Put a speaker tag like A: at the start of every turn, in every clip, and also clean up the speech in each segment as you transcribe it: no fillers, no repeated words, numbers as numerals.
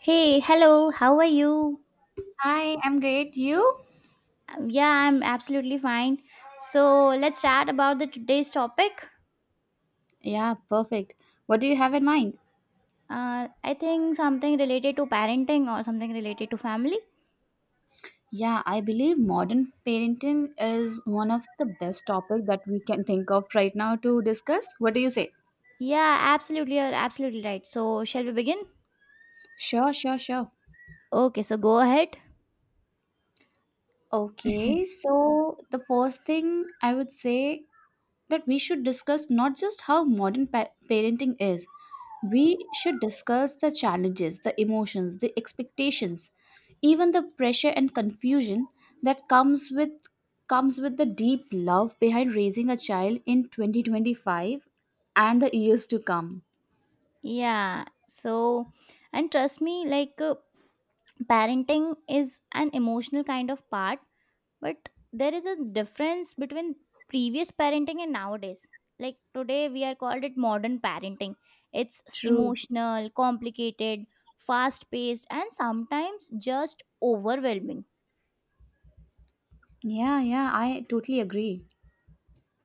A: Hey, hello, how are you?
B: Hi, I'm great. You?
A: Yeah, I'm absolutely fine. So, let's chat about the today's topic.
B: Yeah, perfect. What do you have in mind?
A: I think something related to parenting or something related to family.
B: Yeah, I believe modern parenting is one of the best topic that we can think of right now to discuss. What do you say?
A: Yeah, absolutely, you're absolutely right. So, shall we begin?
B: Sure, sure, sure.
A: Okay, so go ahead.
B: Okay, so the first thing I would say that we should discuss not just how modern parenting is, we should discuss the challenges, the emotions, the expectations, even the pressure and confusion that comes with the deep love behind raising a child in 2025 and the years to come.
A: Yeah, so, and trust me, like, parenting is an emotional kind of part, but there is a difference between previous parenting and nowadays. Like today we are called it modern parenting.
B: True.
A: Emotional complicated, fast paced, and sometimes just overwhelming.
B: Yeah, yeah, I totally agree.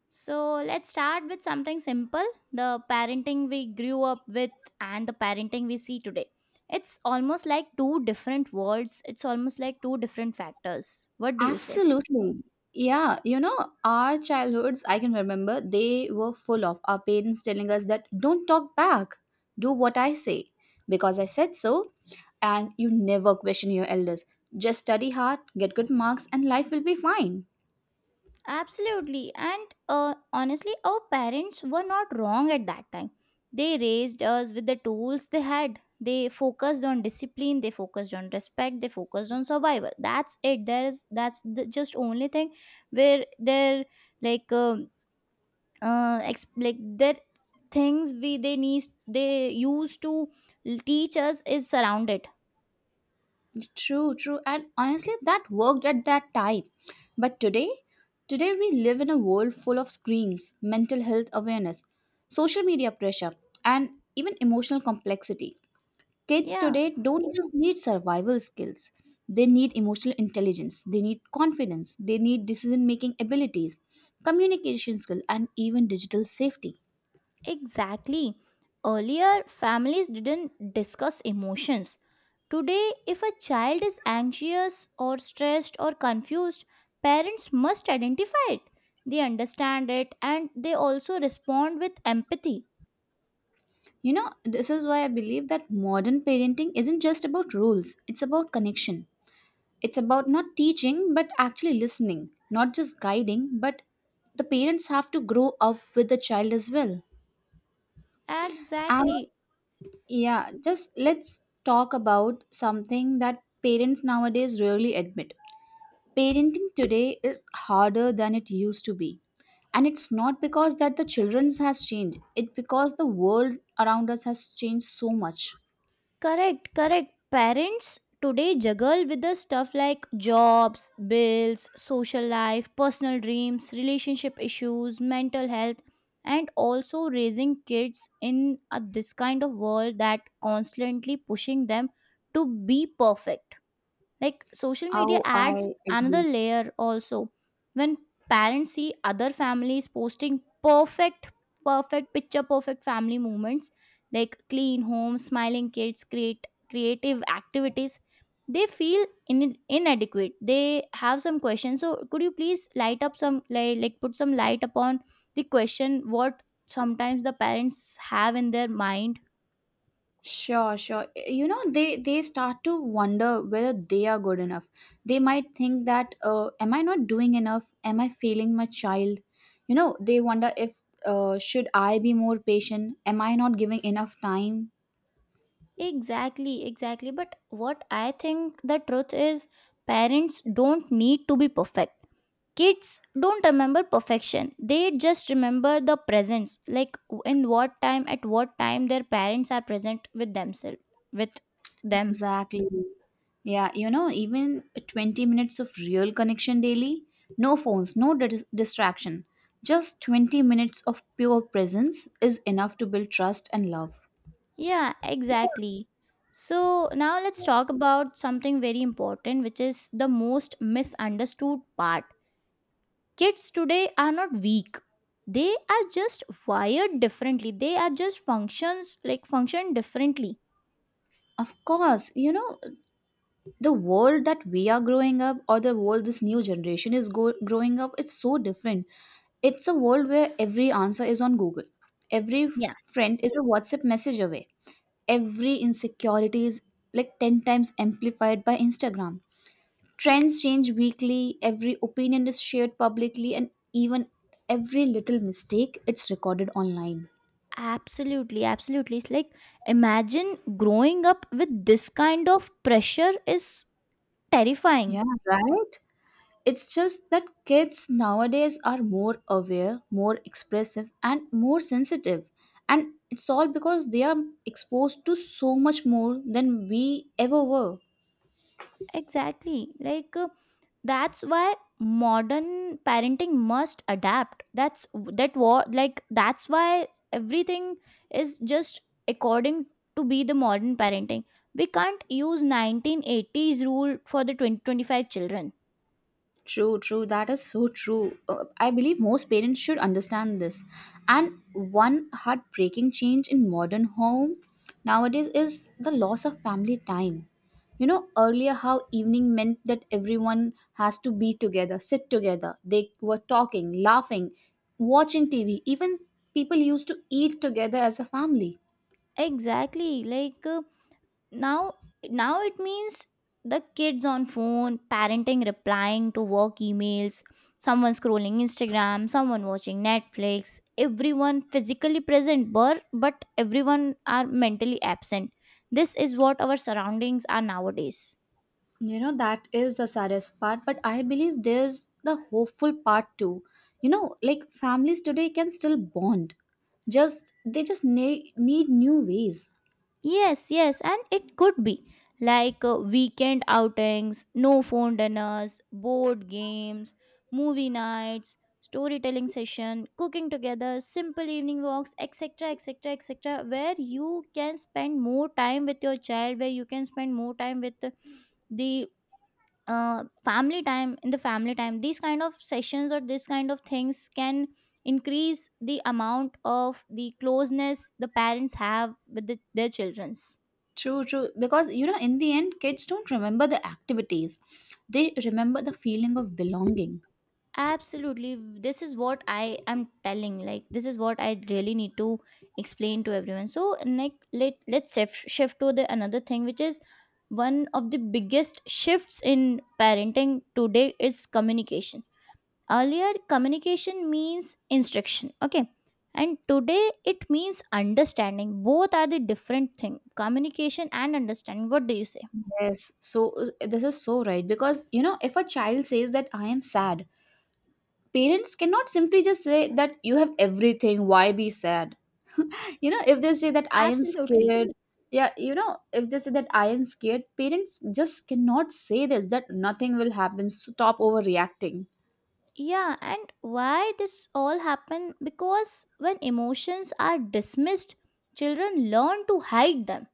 A: So let's start with something simple. The parenting we grew up with and the parenting we see today, it's almost like two different worlds, it's almost like two different factors. What do you say?
B: Absolutely. Yeah, you know, our childhoods, I can remember, they were full of our parents telling us that don't talk back, do what I say, because I said so, and you never question your elders. Just study hard, get good marks, and life will be fine.
A: Absolutely. And honestly, our parents were not wrong at that time. They raised us with the tools they had. They focused on discipline, they focused on respect, they focused on survival. That's it. There is that's the just only thing where they're like like their things we they need they used to teach us is surrounded.
B: True, true. And honestly, that worked at that time. But today, today we live in a world full of screens, mental health awareness, social media pressure, and even emotional complexity. Kids
A: Yeah,
B: today don't just need survival skills. They need emotional intelligence, they need confidence, they need decision making abilities, communication skill, and even digital safety.
A: exactly. Earlier families didn't discuss emotions. Today, if a child is anxious or stressed or confused, parents must identify it. They understand it and they also respond with empathy.
B: You know, this is why I believe that modern parenting isn't just about rules, it's about connection. It's about not teaching but actually listening, not just guiding, but the parents have to grow up with the child as well. And
A: Exactly.
B: yeah, just let's talk about something that parents nowadays rarely admit. Parenting today is harder than it used to be. And it's not because that the children's has changed, it's because the world around us has changed so much.
A: Correct, correct. Parents today juggle with the stuff like jobs, bills, social life, personal dreams, relationship issues, mental health, and also raising kids in a, this kind of world that constantly pushing them to be perfect. Like social media
B: Oh,
A: adds
B: I
A: another
B: agree.
A: layer also. When parents see other families posting perfect, perfect, picture perfect family moments like clean homes, smiling kids, create creative activities, they feel in, inadequate. They have some questions. So could you please light up some like put some light upon the question what sometimes the parents have in their mind.
B: Sure, sure. You know, they start to wonder whether they are good enough. They might think that, am I not doing enough? Am I failing my child? You know, they wonder if should I be more patient? Am I not giving enough time?
A: Exactly, exactly. But what I think the truth is, parents don't need to be perfect. Kids don't remember perfection, they just remember the presence, like in what time, at what time their parents are present with themselves, with them.
B: Exactly. Yeah, you know, even 20 minutes of real connection daily, no phones, no distraction, just 20 minutes of pure presence is enough to build trust and love.
A: Yeah, exactly. So now let's talk about something very important, which is the most misunderstood part. Kids today are not weak, they are just wired differently, they are just functions like function differently.
B: Of course, you know, the world that we are growing up or the world this new generation is growing up is so different. It's a world where every answer is on Google, every
A: Yeah,
B: friend is a WhatsApp message away, every insecurity is like 10 times amplified by Instagram. Trends change weekly, every opinion is shared publicly, and even every little mistake it's recorded online.
A: absolutely, absolutely, it's like imagine growing up with this kind of pressure is terrifying.
B: Yeah, right? It's just that kids nowadays are more aware, more expressive, and more sensitive. And it's all because they are exposed to so much more than we ever were.
A: Exactly. That's why modern parenting must adapt. That's that what like that's why everything is just according to be the modern parenting. We can't use 1980s rule for the 2025 children.
B: True, true. That is so true. I believe most parents should understand this. And one heartbreaking change in modern home nowadays is the loss of family time. You know, earlier how evening meant that everyone has to be together, sit together. They were talking, laughing, watching TV. Even people used to eat together as a family.
A: Exactly. Now now it means the kids on phone, parenting replying to work emails, someone scrolling Instagram, someone watching Netflix, everyone physically present, but everyone are mentally absent. This is what our surroundings are nowadays.
B: You know, that is the saddest part, but I believe there's the hopeful part too. You know, like families today can still bond. Just they just need new ways.
A: Yes, yes, and it could be like weekend outings, no phone dinners, board games, movie nights, storytelling session, cooking together, simple evening walks, etc., etc., etc., where you can spend more time with your child, where you can spend more time with the, family time in the family time. These kind of sessions or these kind of things can increase the amount of the closeness the parents have with the, their childrens.
B: True, true. Because you know, in the end, kids don't remember the activities; they remember the feeling of belonging.
A: Absolutely. This is what I am telling. Like this is what I really need to explain to everyone. So like let's shift to the another thing, which is one of the biggest shifts in parenting today is communication. Earlier communication means instruction. Okay. And today it means understanding. Both are the different thing. Communication and understanding. What do you say?
B: Yes. This is so right because you know, if a child says that I am sad, parents cannot simply just say that you have everything. Why be sad? You know, if they say that I am
A: Absolutely.
B: scared, yeah, you know, if they say that I am scared, parents just cannot say this that nothing will happen, so stop overreacting.
A: Yeah, and why this all happen? Because when emotions are dismissed, children learn to hide them.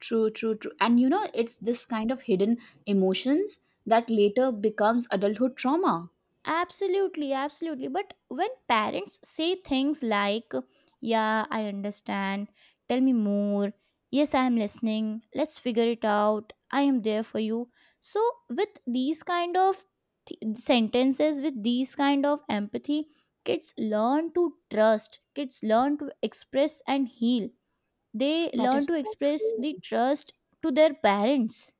B: True, true, true. And you know, it's this kind of hidden emotions that later becomes adulthood trauma.
A: Absolutely, absolutely. But when parents say things like, "Yeah, I understand. Tell me more. Yes, I am listening. Let's figure it out. I am there for you." So with these kind of sentences, with these kind of empathy, kids learn to trust. Kids learn to express and heal, they
B: That
A: learn
B: is
A: to
B: so
A: express the
B: true.
A: trust to their parents.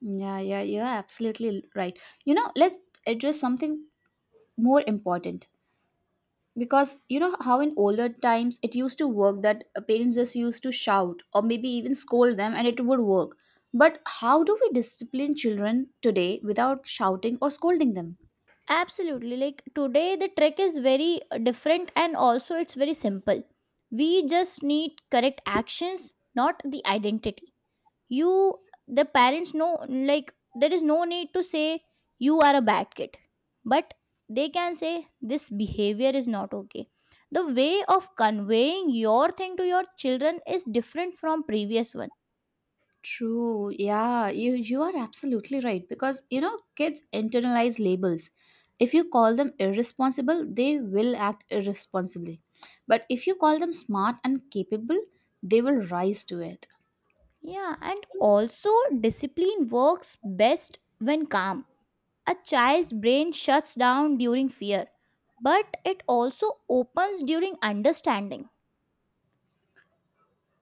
B: Yeah, yeah, yeah, absolutely right. You know, let's address something more important, because you know how in older times it used to work that parents just used to shout or maybe even scold them and it would work, but how do we discipline children today without shouting or scolding them?
A: Absolutely. Like today the trick is very different and also it's very simple. We just need correct actions, not the identity. You the parents know like there is no need to say you are a bad kid, but they can say this behavior is not okay. The way of conveying your thing to your children is different from previous one.
B: True, yeah, you are absolutely right, because you know kids internalize labels. If you call them irresponsible, they will act irresponsibly, but if you call them smart and capable, they will rise to it.
A: Yeah, and also discipline works best when calm. A child's brain shuts down during fear, but it also opens during understanding.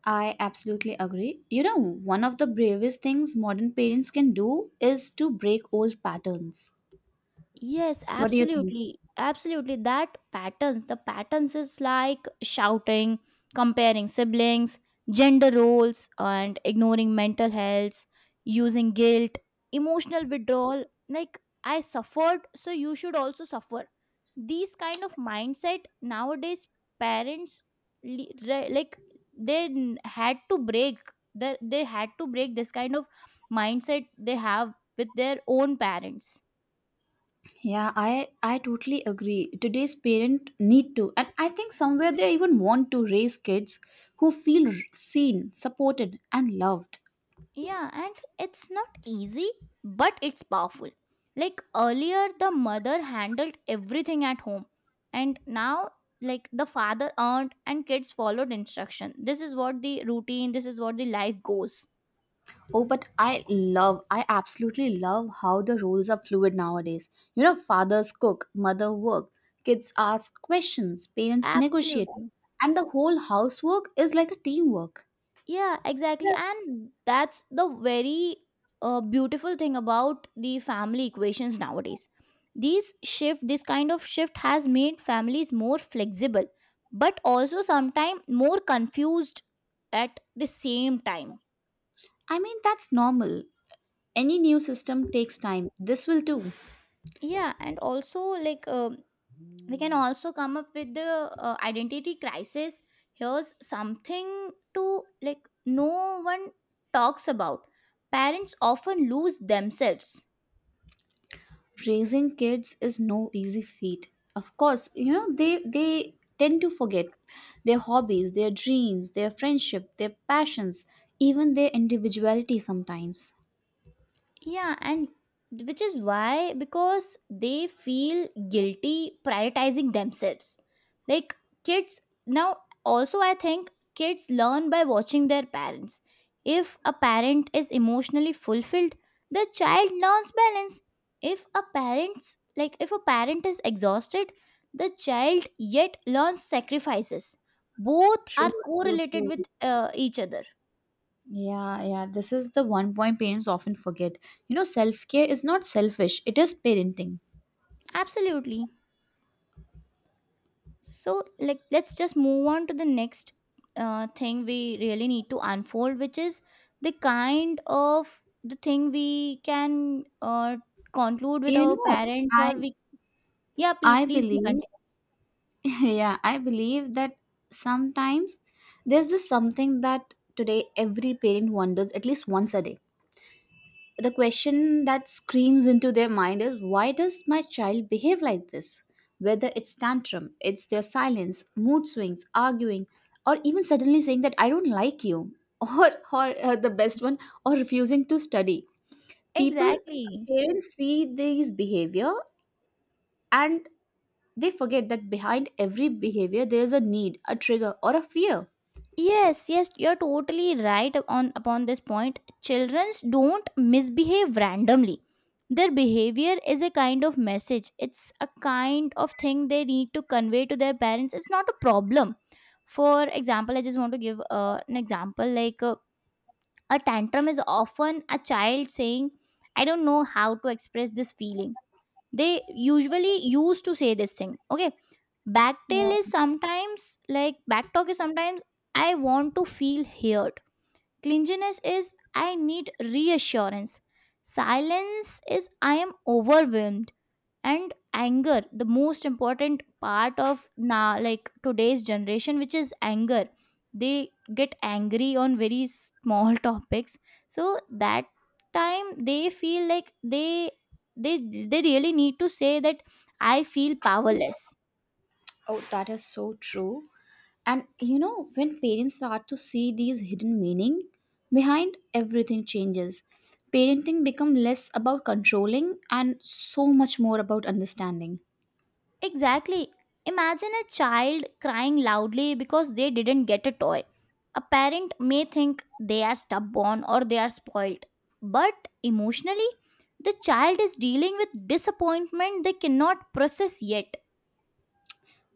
B: I absolutely agree. You know, one of the bravest things modern parents can do is to break old patterns.
A: Yes,
B: What do you think?
A: absolutely. Absolutely. That patterns, the patterns is like shouting, comparing siblings, gender roles, and ignoring mental health, using guilt, emotional withdrawal. Like, I suffered, so you should also suffer. These kind of mindset nowadays, parents like had to break. They had to break this kind of mindset they have with their own parents.
B: Yeah, I totally agree. Today's parent need to, and I think somewhere they even want to raise kids who feel seen, supported and loved.
A: Yeah, and it's not easy, but it's powerful. Like earlier, the mother handled everything at home, and now, like, the father earned and kids followed instruction. This is what the routine, this is what the life goes.
B: Oh, but I love, I absolutely love how the roles are fluid nowadays. You know, fathers cook, mother work, kids ask questions, parents negotiate,
A: Absolutely.
B: and the whole housework is like a teamwork.
A: Yeah, exactly. And that's the very beautiful thing about the family equations nowadays. These shift, this kind of shift has made families more flexible, but also sometimes more confused at the same time.
B: I mean, that's normal. Any new system takes time. This will too.
A: Yeah, and also like we can also come up with the identity crisis. Here's something to like no one talks about. Parents often lose themselves.
B: Raising kids is no easy feat. Of course, you know, they tend to forget their hobbies, their dreams, their friendship, their passions, even their individuality sometimes.
A: Yeah, and which is why because they feel guilty prioritizing themselves. Like kids now also I think kids learn by watching their parents. If a parent is emotionally fulfilled, the child learns balance. If a parent's like if a parent is exhausted, the child yet learns sacrifices. Both are
B: True, true,
A: correlated with
B: true.
A: each other.
B: Yeah, yeah. This is the one point parents often forget. You know, self-care is not selfish, it is parenting.
A: Absolutely. So like let's just move on to the next thing we really need to unfold, which is the kind of the thing we can conclude with
B: You
A: our
B: know,
A: parents
B: I
A: or we yeah please
B: I
A: please we
B: believe
A: continue
B: Yeah, I believe that sometimes there's this something that today every parent wonders at least once a day. The question that screams into their mind is why does my child behave like this, whether it's tantrum, it's their silence, mood swings, arguing, or even suddenly saying that I don't like you or the best one, or refusing to study. People
A: exactly.
B: Parents see these behavior, and they forget that behind every behavior there is a need, a trigger, or a fear.
A: Yes, yes, you're totally right on upon this point. Childrens don't misbehave randomly. Their behavior is a kind of message. It's a kind of thing they need to convey to their parents. It's not a problem. For example, I just want to give an example like a tantrum is often a child saying, "I don't know how to express this feeling." They usually used to say this thing okay. backtail
B: Yeah.
A: is sometimes like Backtalk is sometimes I want to feel heard, clinginess is I need reassurance, silence is I am overwhelmed, and anger, the most important part of now like today's generation, which is anger, they get angry on very small topics. So that time they feel like they they really need to say that I feel powerless.
B: Oh, that is so true. And you know, when parents start to see these hidden meaning, behind everything changes. Parenting become less about controlling and so much more about understanding.
A: Exactly. Imagine a child crying loudly because they didn't get a toy. A parent may think they are stubborn or they are spoiled, but emotionally, the child is dealing with disappointment they cannot process yet.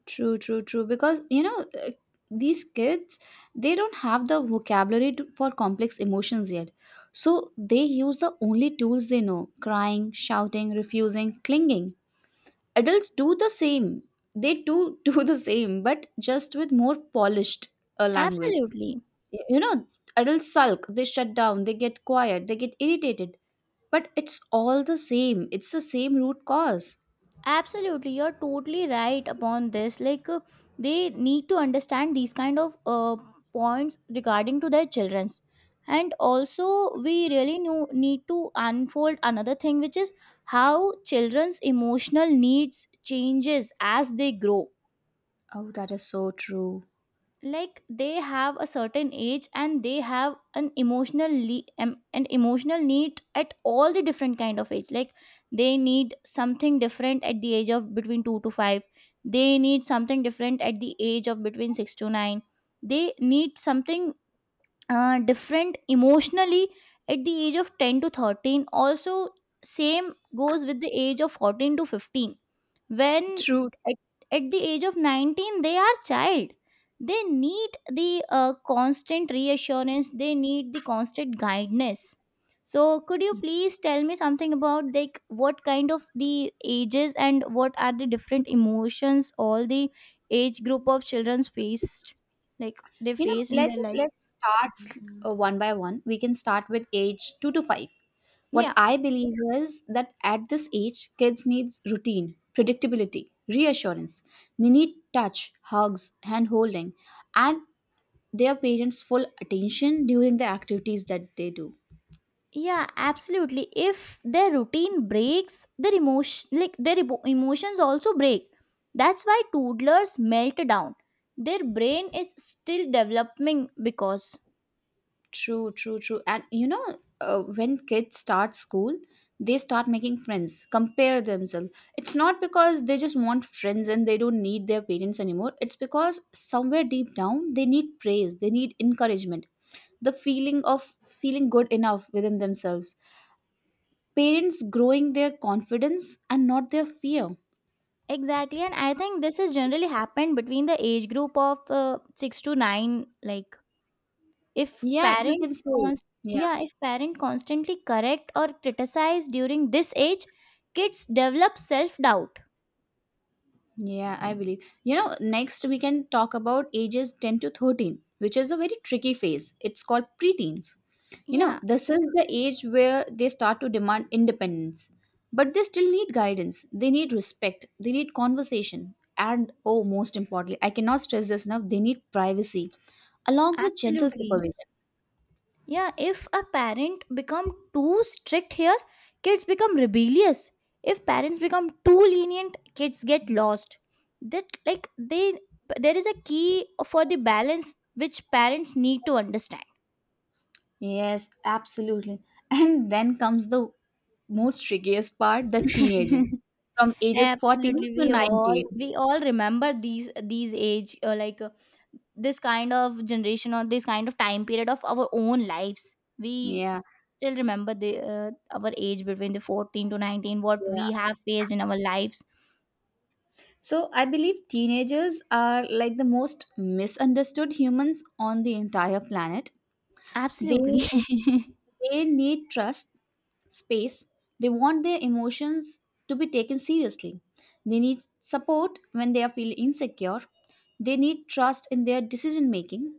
B: True, true, true. Because you know, these kids, they don't have the vocabulary to, for complex emotions yet. So they use the only tools they know: crying, shouting, refusing, clinging. Adults do the same, they do do the same, but just with more polished language.
A: Absolutely.
B: You know, adults sulk, they shut down, they get quiet, they get irritated, but it's all the same, it's the same root cause.
A: Absolutely, you're totally right upon this like they need to understand these kind of points regarding to their children's. And also we really need to unfold another thing, which is how children's emotional needs changes as they grow.
B: Oh, that is so true.
A: Like they have a certain age and they have an emotional an emotional need at all the different kind of age. Like they need something different at the age of between 2 to 5, they need something different at the age of between 6 to 9, they need something different emotionally at the age of 10 to 13 also, same goes with the age of 14 to 15. When
B: True.
A: at, at the age of 19 they are child, they need the constant reassurance, they need the constant guidance. So could you please tell me something about like what kind of the ages and what are the different emotions all the age group of children's faced, like they
B: You know,
A: face in their
B: let's
A: life.
B: let's start s- uh, one by one we can start with age 2 to 5. What
A: Yeah.
B: I believe is that at this age, kids need routine, predictability, reassurance. They need touch, hugs, hand holding, and their parents' full attention during the activities that they do.
A: Yeah, absolutely. If their routine breaks, their emotion like their emotions also break. That's why toddlers melt down. Their brain is still developing because
B: True, true, true. And you know, when kids start school, they start making friends, compare themselves. It's not because they just want friends and they don't need their parents anymore. It's because somewhere deep down, they need praise, they need encouragement, the feeling of feeling good enough within themselves. Parents growing their confidence and not their fear.
A: exactly, and I think this has generally happened between the age group of 6 to 9. Like if
B: Yeah, you
A: parent
B: can say.
A: const-
B: Yeah.
A: yeah, if parent constantly correct or criticize during this age, kids develop self doubt.
B: Yeah, I believe. You know, next we can talk about ages 10 to 13, which is a very tricky phase. It's called preteens. You know,
A: Yeah,
B: this is the age where they start to demand independence, but they still need guidance. They need respect. They need conversation. And oh, most importantly, I cannot stress this enough, they need privacy along with gentle
A: absolutely.
B: supervision.
A: Yeah, if a parent become too strict here, kids become rebellious. If parents become too lenient, kids get lost. That like they there is a key for the balance which parents need to understand.
B: Yes, absolutely. And then comes the most trickiest part, the teenagers, from ages 14
A: Absolutely,
B: to
A: we all
B: 19.
A: we all remember these age this kind of generation or this kind of time period of our own lives. We
B: Yeah.
A: still remember the our age between the 14 to 19 what
B: Yeah.
A: we have faced in our lives.
B: So I believe teenagers are like the most misunderstood humans on the entire planet. They
A: Absolutely.
B: they need trust, space. They want their emotions to be taken seriously. They need support when they are feeling insecure. They need trust in their decision making,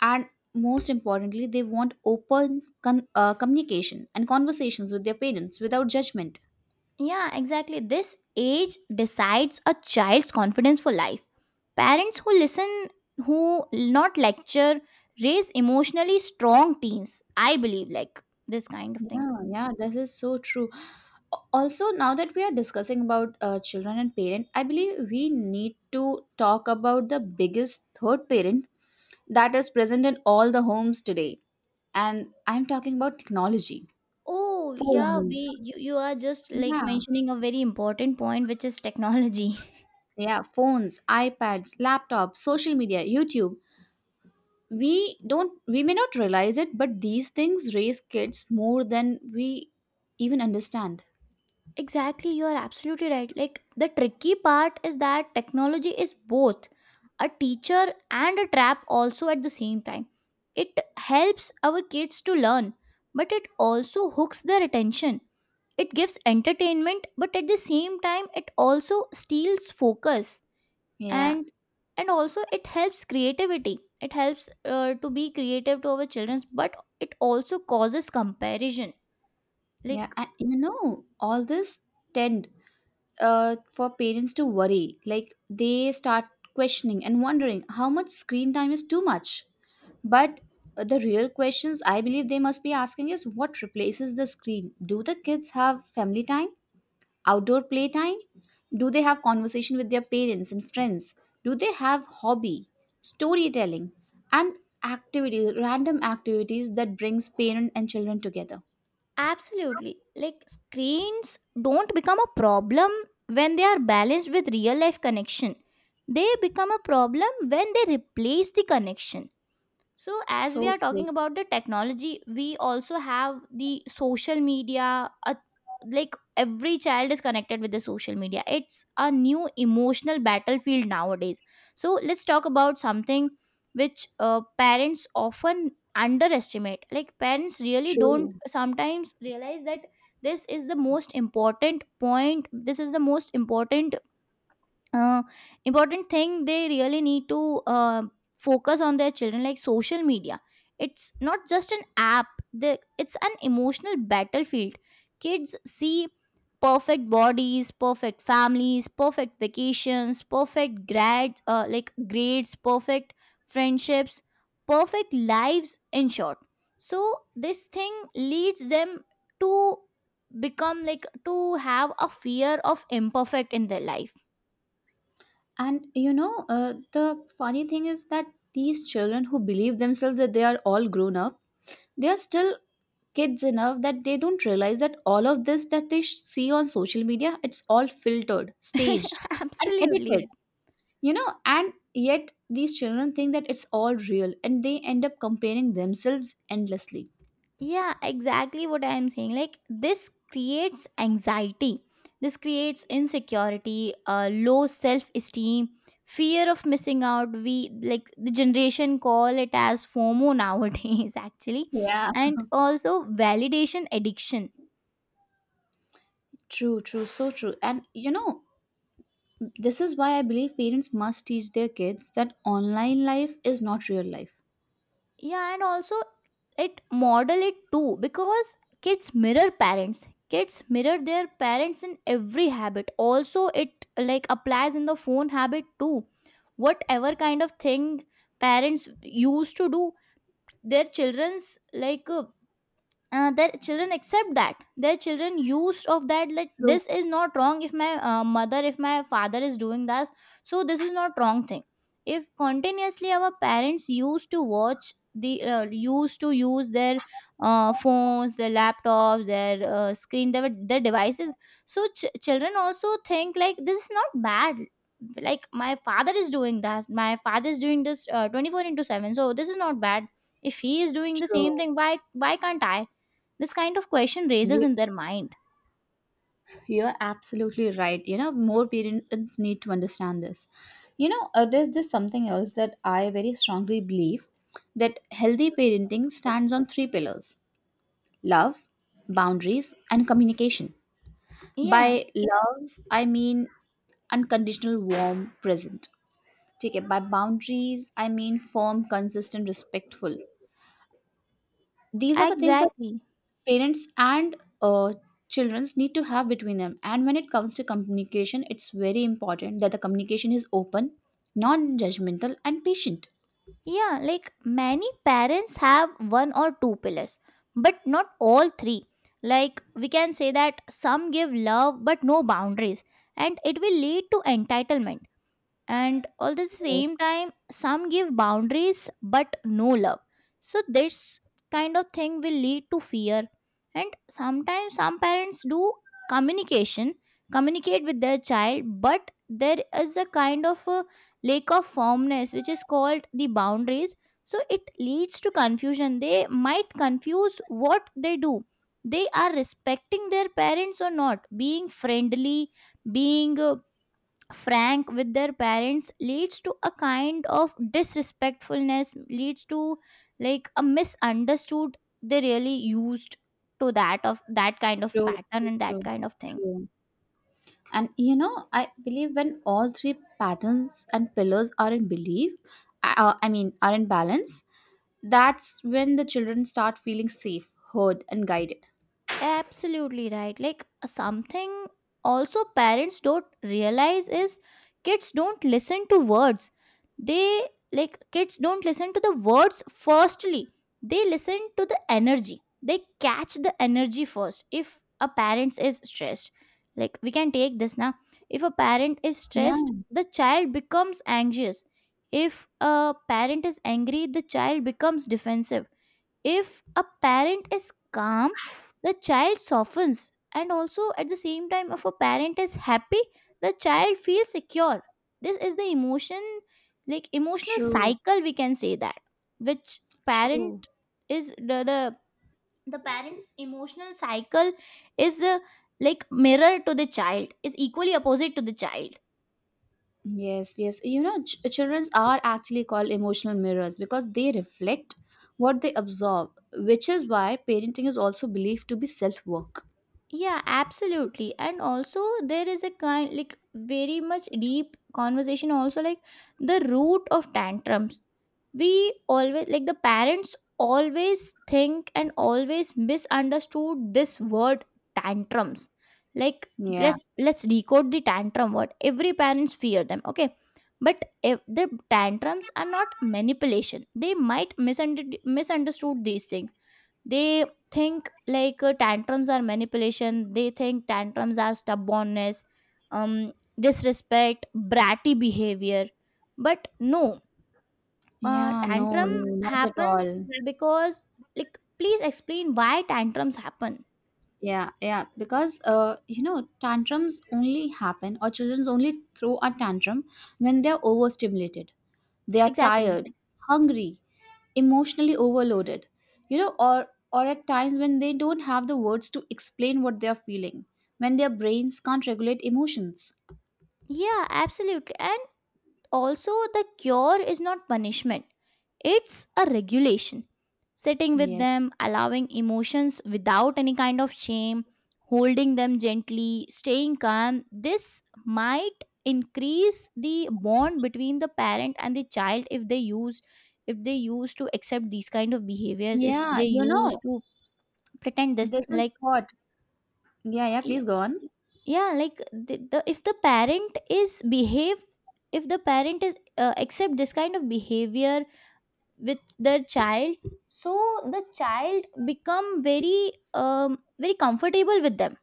B: and most importantly, they want open communication and conversations with their parents without judgment.
A: Yeah, exactly. This age decides a child's confidence for life. Parents who listen, who not lecture, raise emotionally strong teens. I believe like this kind of thing.
B: Yeah, yeah, that is so true. Also, now that we are discussing about children and parent, I believe we need to talk about the biggest third parent that is present in all the homes today, and I'm talking about technology.
A: Oh, yeah,
B: Phones,
A: you are just like
B: yeah.
A: mentioning a very important point, which is technology.
B: Yeah, phones, iPads, laptops, social media, YouTube, we don't, we may not realize it, but these things raise kids more than we even understand.
A: Exactly, you are absolutely right. Like the tricky part is that technology is both a teacher and a trap also at the same time. It helps our kids to learn, but it also hooks their attention. It gives entertainment, but at the same time it also steals focus.
B: Yeah.
A: and and also it helps creativity, it helps to be creative to our children, but it also causes comparison,
B: Yeah,
A: like
B: and you know all this tend for parents to worry. Like they start questioning and wondering how much screen time is too much. But the real questions I believe they must be asking is what replaces the screen? Do the kids have family time, outdoor play time? Do they have conversation with their parents and friends? Do they have hobby, storytelling, and activities, random activities that brings parent and children together?
A: absolutely. Like screens don't become a problem when they are balanced with real life connection; they become a problem when they replace the connection. So, as we
B: So
A: are talking
B: true.
A: about the technology, we also have the social media. Like every child is connected with the social media. It's a new emotional battlefield nowadays. So, let's talk about something which parents often underestimate. Like, parents really don't
B: True.
A: sometimes realize that this is the most important point, this is the most uh, important thing they really need to focus on their children, like social media. It's not just an app, it's an emotional battlefield. Kids see perfect bodies, perfect families, perfect vacations, perfect grades, perfect friendships, perfect lives, in short. So this thing leads them to become, like, to have a fear of imperfect in their life.
B: And you know, the funny thing is that these children who believe themselves that they are all grown up, they are still kids enough that they don't realize that all of this that they see on social media, it's all filtered, staged, and
A: Absolutely.
B: edited. You know, and yet these children think that it's all real, and they end up comparing themselves endlessly.
A: Yeah, exactly what I am saying. Like, this creates anxiety, this creates insecurity, low self esteem, fear of missing out. We, like, the generation call it as FOMO nowadays, actually,
B: Yeah.
A: and also validation addiction.
B: True, true, so true. And you know, this is why I believe parents must teach their kids that online life is not real life.
A: Yeah, and also it model it too, because kids mirror parents, kids mirror their parents in every habit. Also it like applies in the phone habit too. Whatever kind of thing parents used to do, their children's like their children accept that, their children used of that, like
B: True,
A: this is not wrong if my mother, if my father is doing this, so this is not wrong thing. If continuously our parents used to watch the used to use their phones, their laptops, their screen, their devices, so children also think like this is not bad. Like my father is doing that, my father is doing this, 24/7, so this is not bad. If he is doing the
B: true.
A: same thing, why can't i? This kind of question raises
B: You,
A: in their mind.
B: you're absolutely right. You know, more parents need to understand this. You know, there's this something else that I very strongly believe, that healthy parenting stands on three pillars: love, boundaries, and communication.
A: Yeah,
B: By love, I mean unconditional, warm, present. Take it by boundaries, I mean firm, consistent, respectful. These are the things that
A: exactly.
B: parents and uh, children need to have between them, and when it comes to communication, it's very important that the communication is open, non-judgmental and patient.
A: Yeah, like many parents have one or two pillars, but not all three. Like we can say that some give love but no boundaries, and it will lead to entitlement. And all the same
B: Yes.
A: time, some give boundaries but no love, so this kind of thing will lead to fear. And sometimes some parents do communication, communicate with their child, but there is a kind of a lack of firmness which is called the boundaries, so it leads to confusion. They might confuse what they do, they are respecting their parents or not, being friendly, being frank with their parents leads to a kind of disrespectfulness, leads to like a misunderstood. They really used to that, of that kind of
B: True,
A: pattern
B: true,
A: and that
B: true,
A: kind of thing.
B: true. And you know, I believe when all three patterns and pillars are in belief, I mean, are in balance, that's when the children start feeling safe, heard and guided.
A: Absolutely right. Like something also parents don't realize is kids don't listen to words. They, like, kids don't listen to the words firstly, they listen to the energy, they catch the energy first. If a parent is stressed, like we can take this now, if a parent is
B: Yeah.
A: stressed, the child becomes anxious. If a parent is angry, the child becomes defensive. If a parent is calm, the child softens. And also at the same time, if a parent is happy, the child feels secure. This is the emotion, like emotional
B: True,
A: cycle, we can say that, which parent
B: true.
A: is the parent's emotional cycle is, like mirror to the child, is equally opposite to the child.
B: Yes, yes. You know, children are actually called emotional mirrors because they reflect what they absorb, which is why parenting is also believed to be self work.
A: Yeah, absolutely. And also there is a kind, like very much deep conversation also, like the root of tantrums. We always, like the parents always think and always misunderstood this word tantrums. Like,
B: Yeah.
A: let's decode the tantrum word. Every parents fear them, okay? But if the tantrums are not manipulation. They might misunderstood these things. They think like, tantrums are manipulation, they think tantrums are stubbornness, um, disrespect, bratty behavior, but no. Uh,
B: Yeah, no,
A: tantrum
B: no, not at all.
A: happens because, like, please explain why tantrums happen.
B: Yeah, yeah. Because, you know, tantrums only happen or children only throw a tantrum when they're overstimulated, they are
A: Exactly.
B: tired, hungry, emotionally overloaded, you know, or at times when they don't have the words to explain what they are feeling, when their brains can't regulate emotions.
A: Yeah, absolutely. And also the cure is not punishment. It's a regulation. Sitting with them,
B: Yes.
A: allowing emotions without any kind of shame, holding them gently, staying calm, this might increase the bond between the parent and the child if they use, if they use to accept these kind of behaviors, if
B: Yeah,
A: they
B: you
A: use
B: know,
A: to pretend this
B: this is
A: like.
B: what. Yeah, yeah,
A: y-
B: please go on.
A: yeah, like the if the parent is behave, if the parent is accept this kind of behavior with their child, so the child become very very comfortable with them.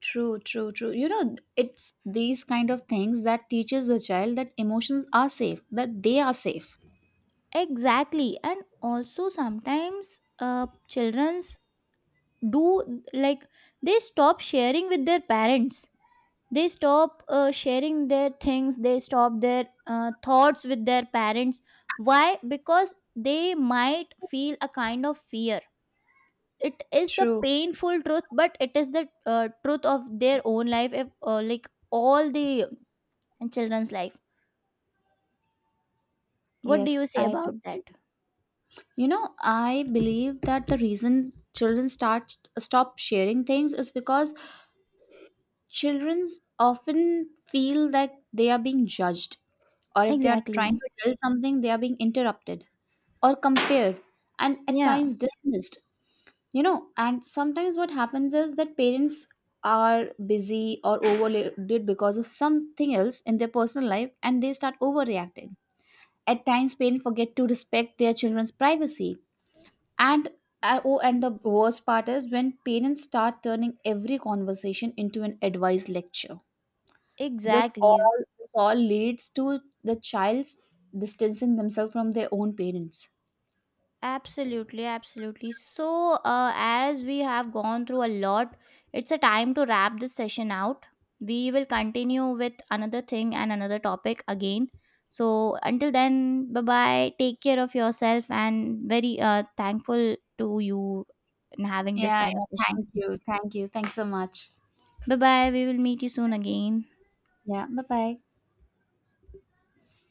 B: True, true, true. You know, it's these kind of things that teaches the child that emotions are safe, that they are safe.
A: Exactly. And also sometimes, children's do, like, they stop sharing with their parents, they stop sharing their things, they stop their thoughts with their parents. Why? Because they might feel a kind of fear. It is the
B: True.
A: painful truth, but it is the truth of their own life, if, like all the children's life. What do you
B: Yes,
A: say
B: I.
A: about that?
B: You know, I believe that the reason children start stop sharing things is because children often feel that they are being judged, or if they are trying
A: Exactly.
B: to tell something, they are being interrupted or compared and at
A: Yeah,
B: times dismissed. You know, and sometimes what happens is that parents are busy or overloaded because of something else in their personal life and they start overreacting. At times, parents forget to respect their children's privacy. And oh, and the worst part is when parents start turning every conversation into an advice lecture.
A: exactly.
B: This all leads to the child's distancing themselves from their own parents.
A: Absolutely, absolutely. So, as we have gone through a lot, it's a time to wrap this session out. We will continue with another thing and another topic again. So, until then, bye bye. Take care of yourself and very thankful to you in having this
B: Yeah,
A: kind of
B: yeah.
A: session.
B: Thank you. Thank you. Thanks so much.
A: Bye bye. We will meet you soon again.
B: Yeah. Bye bye.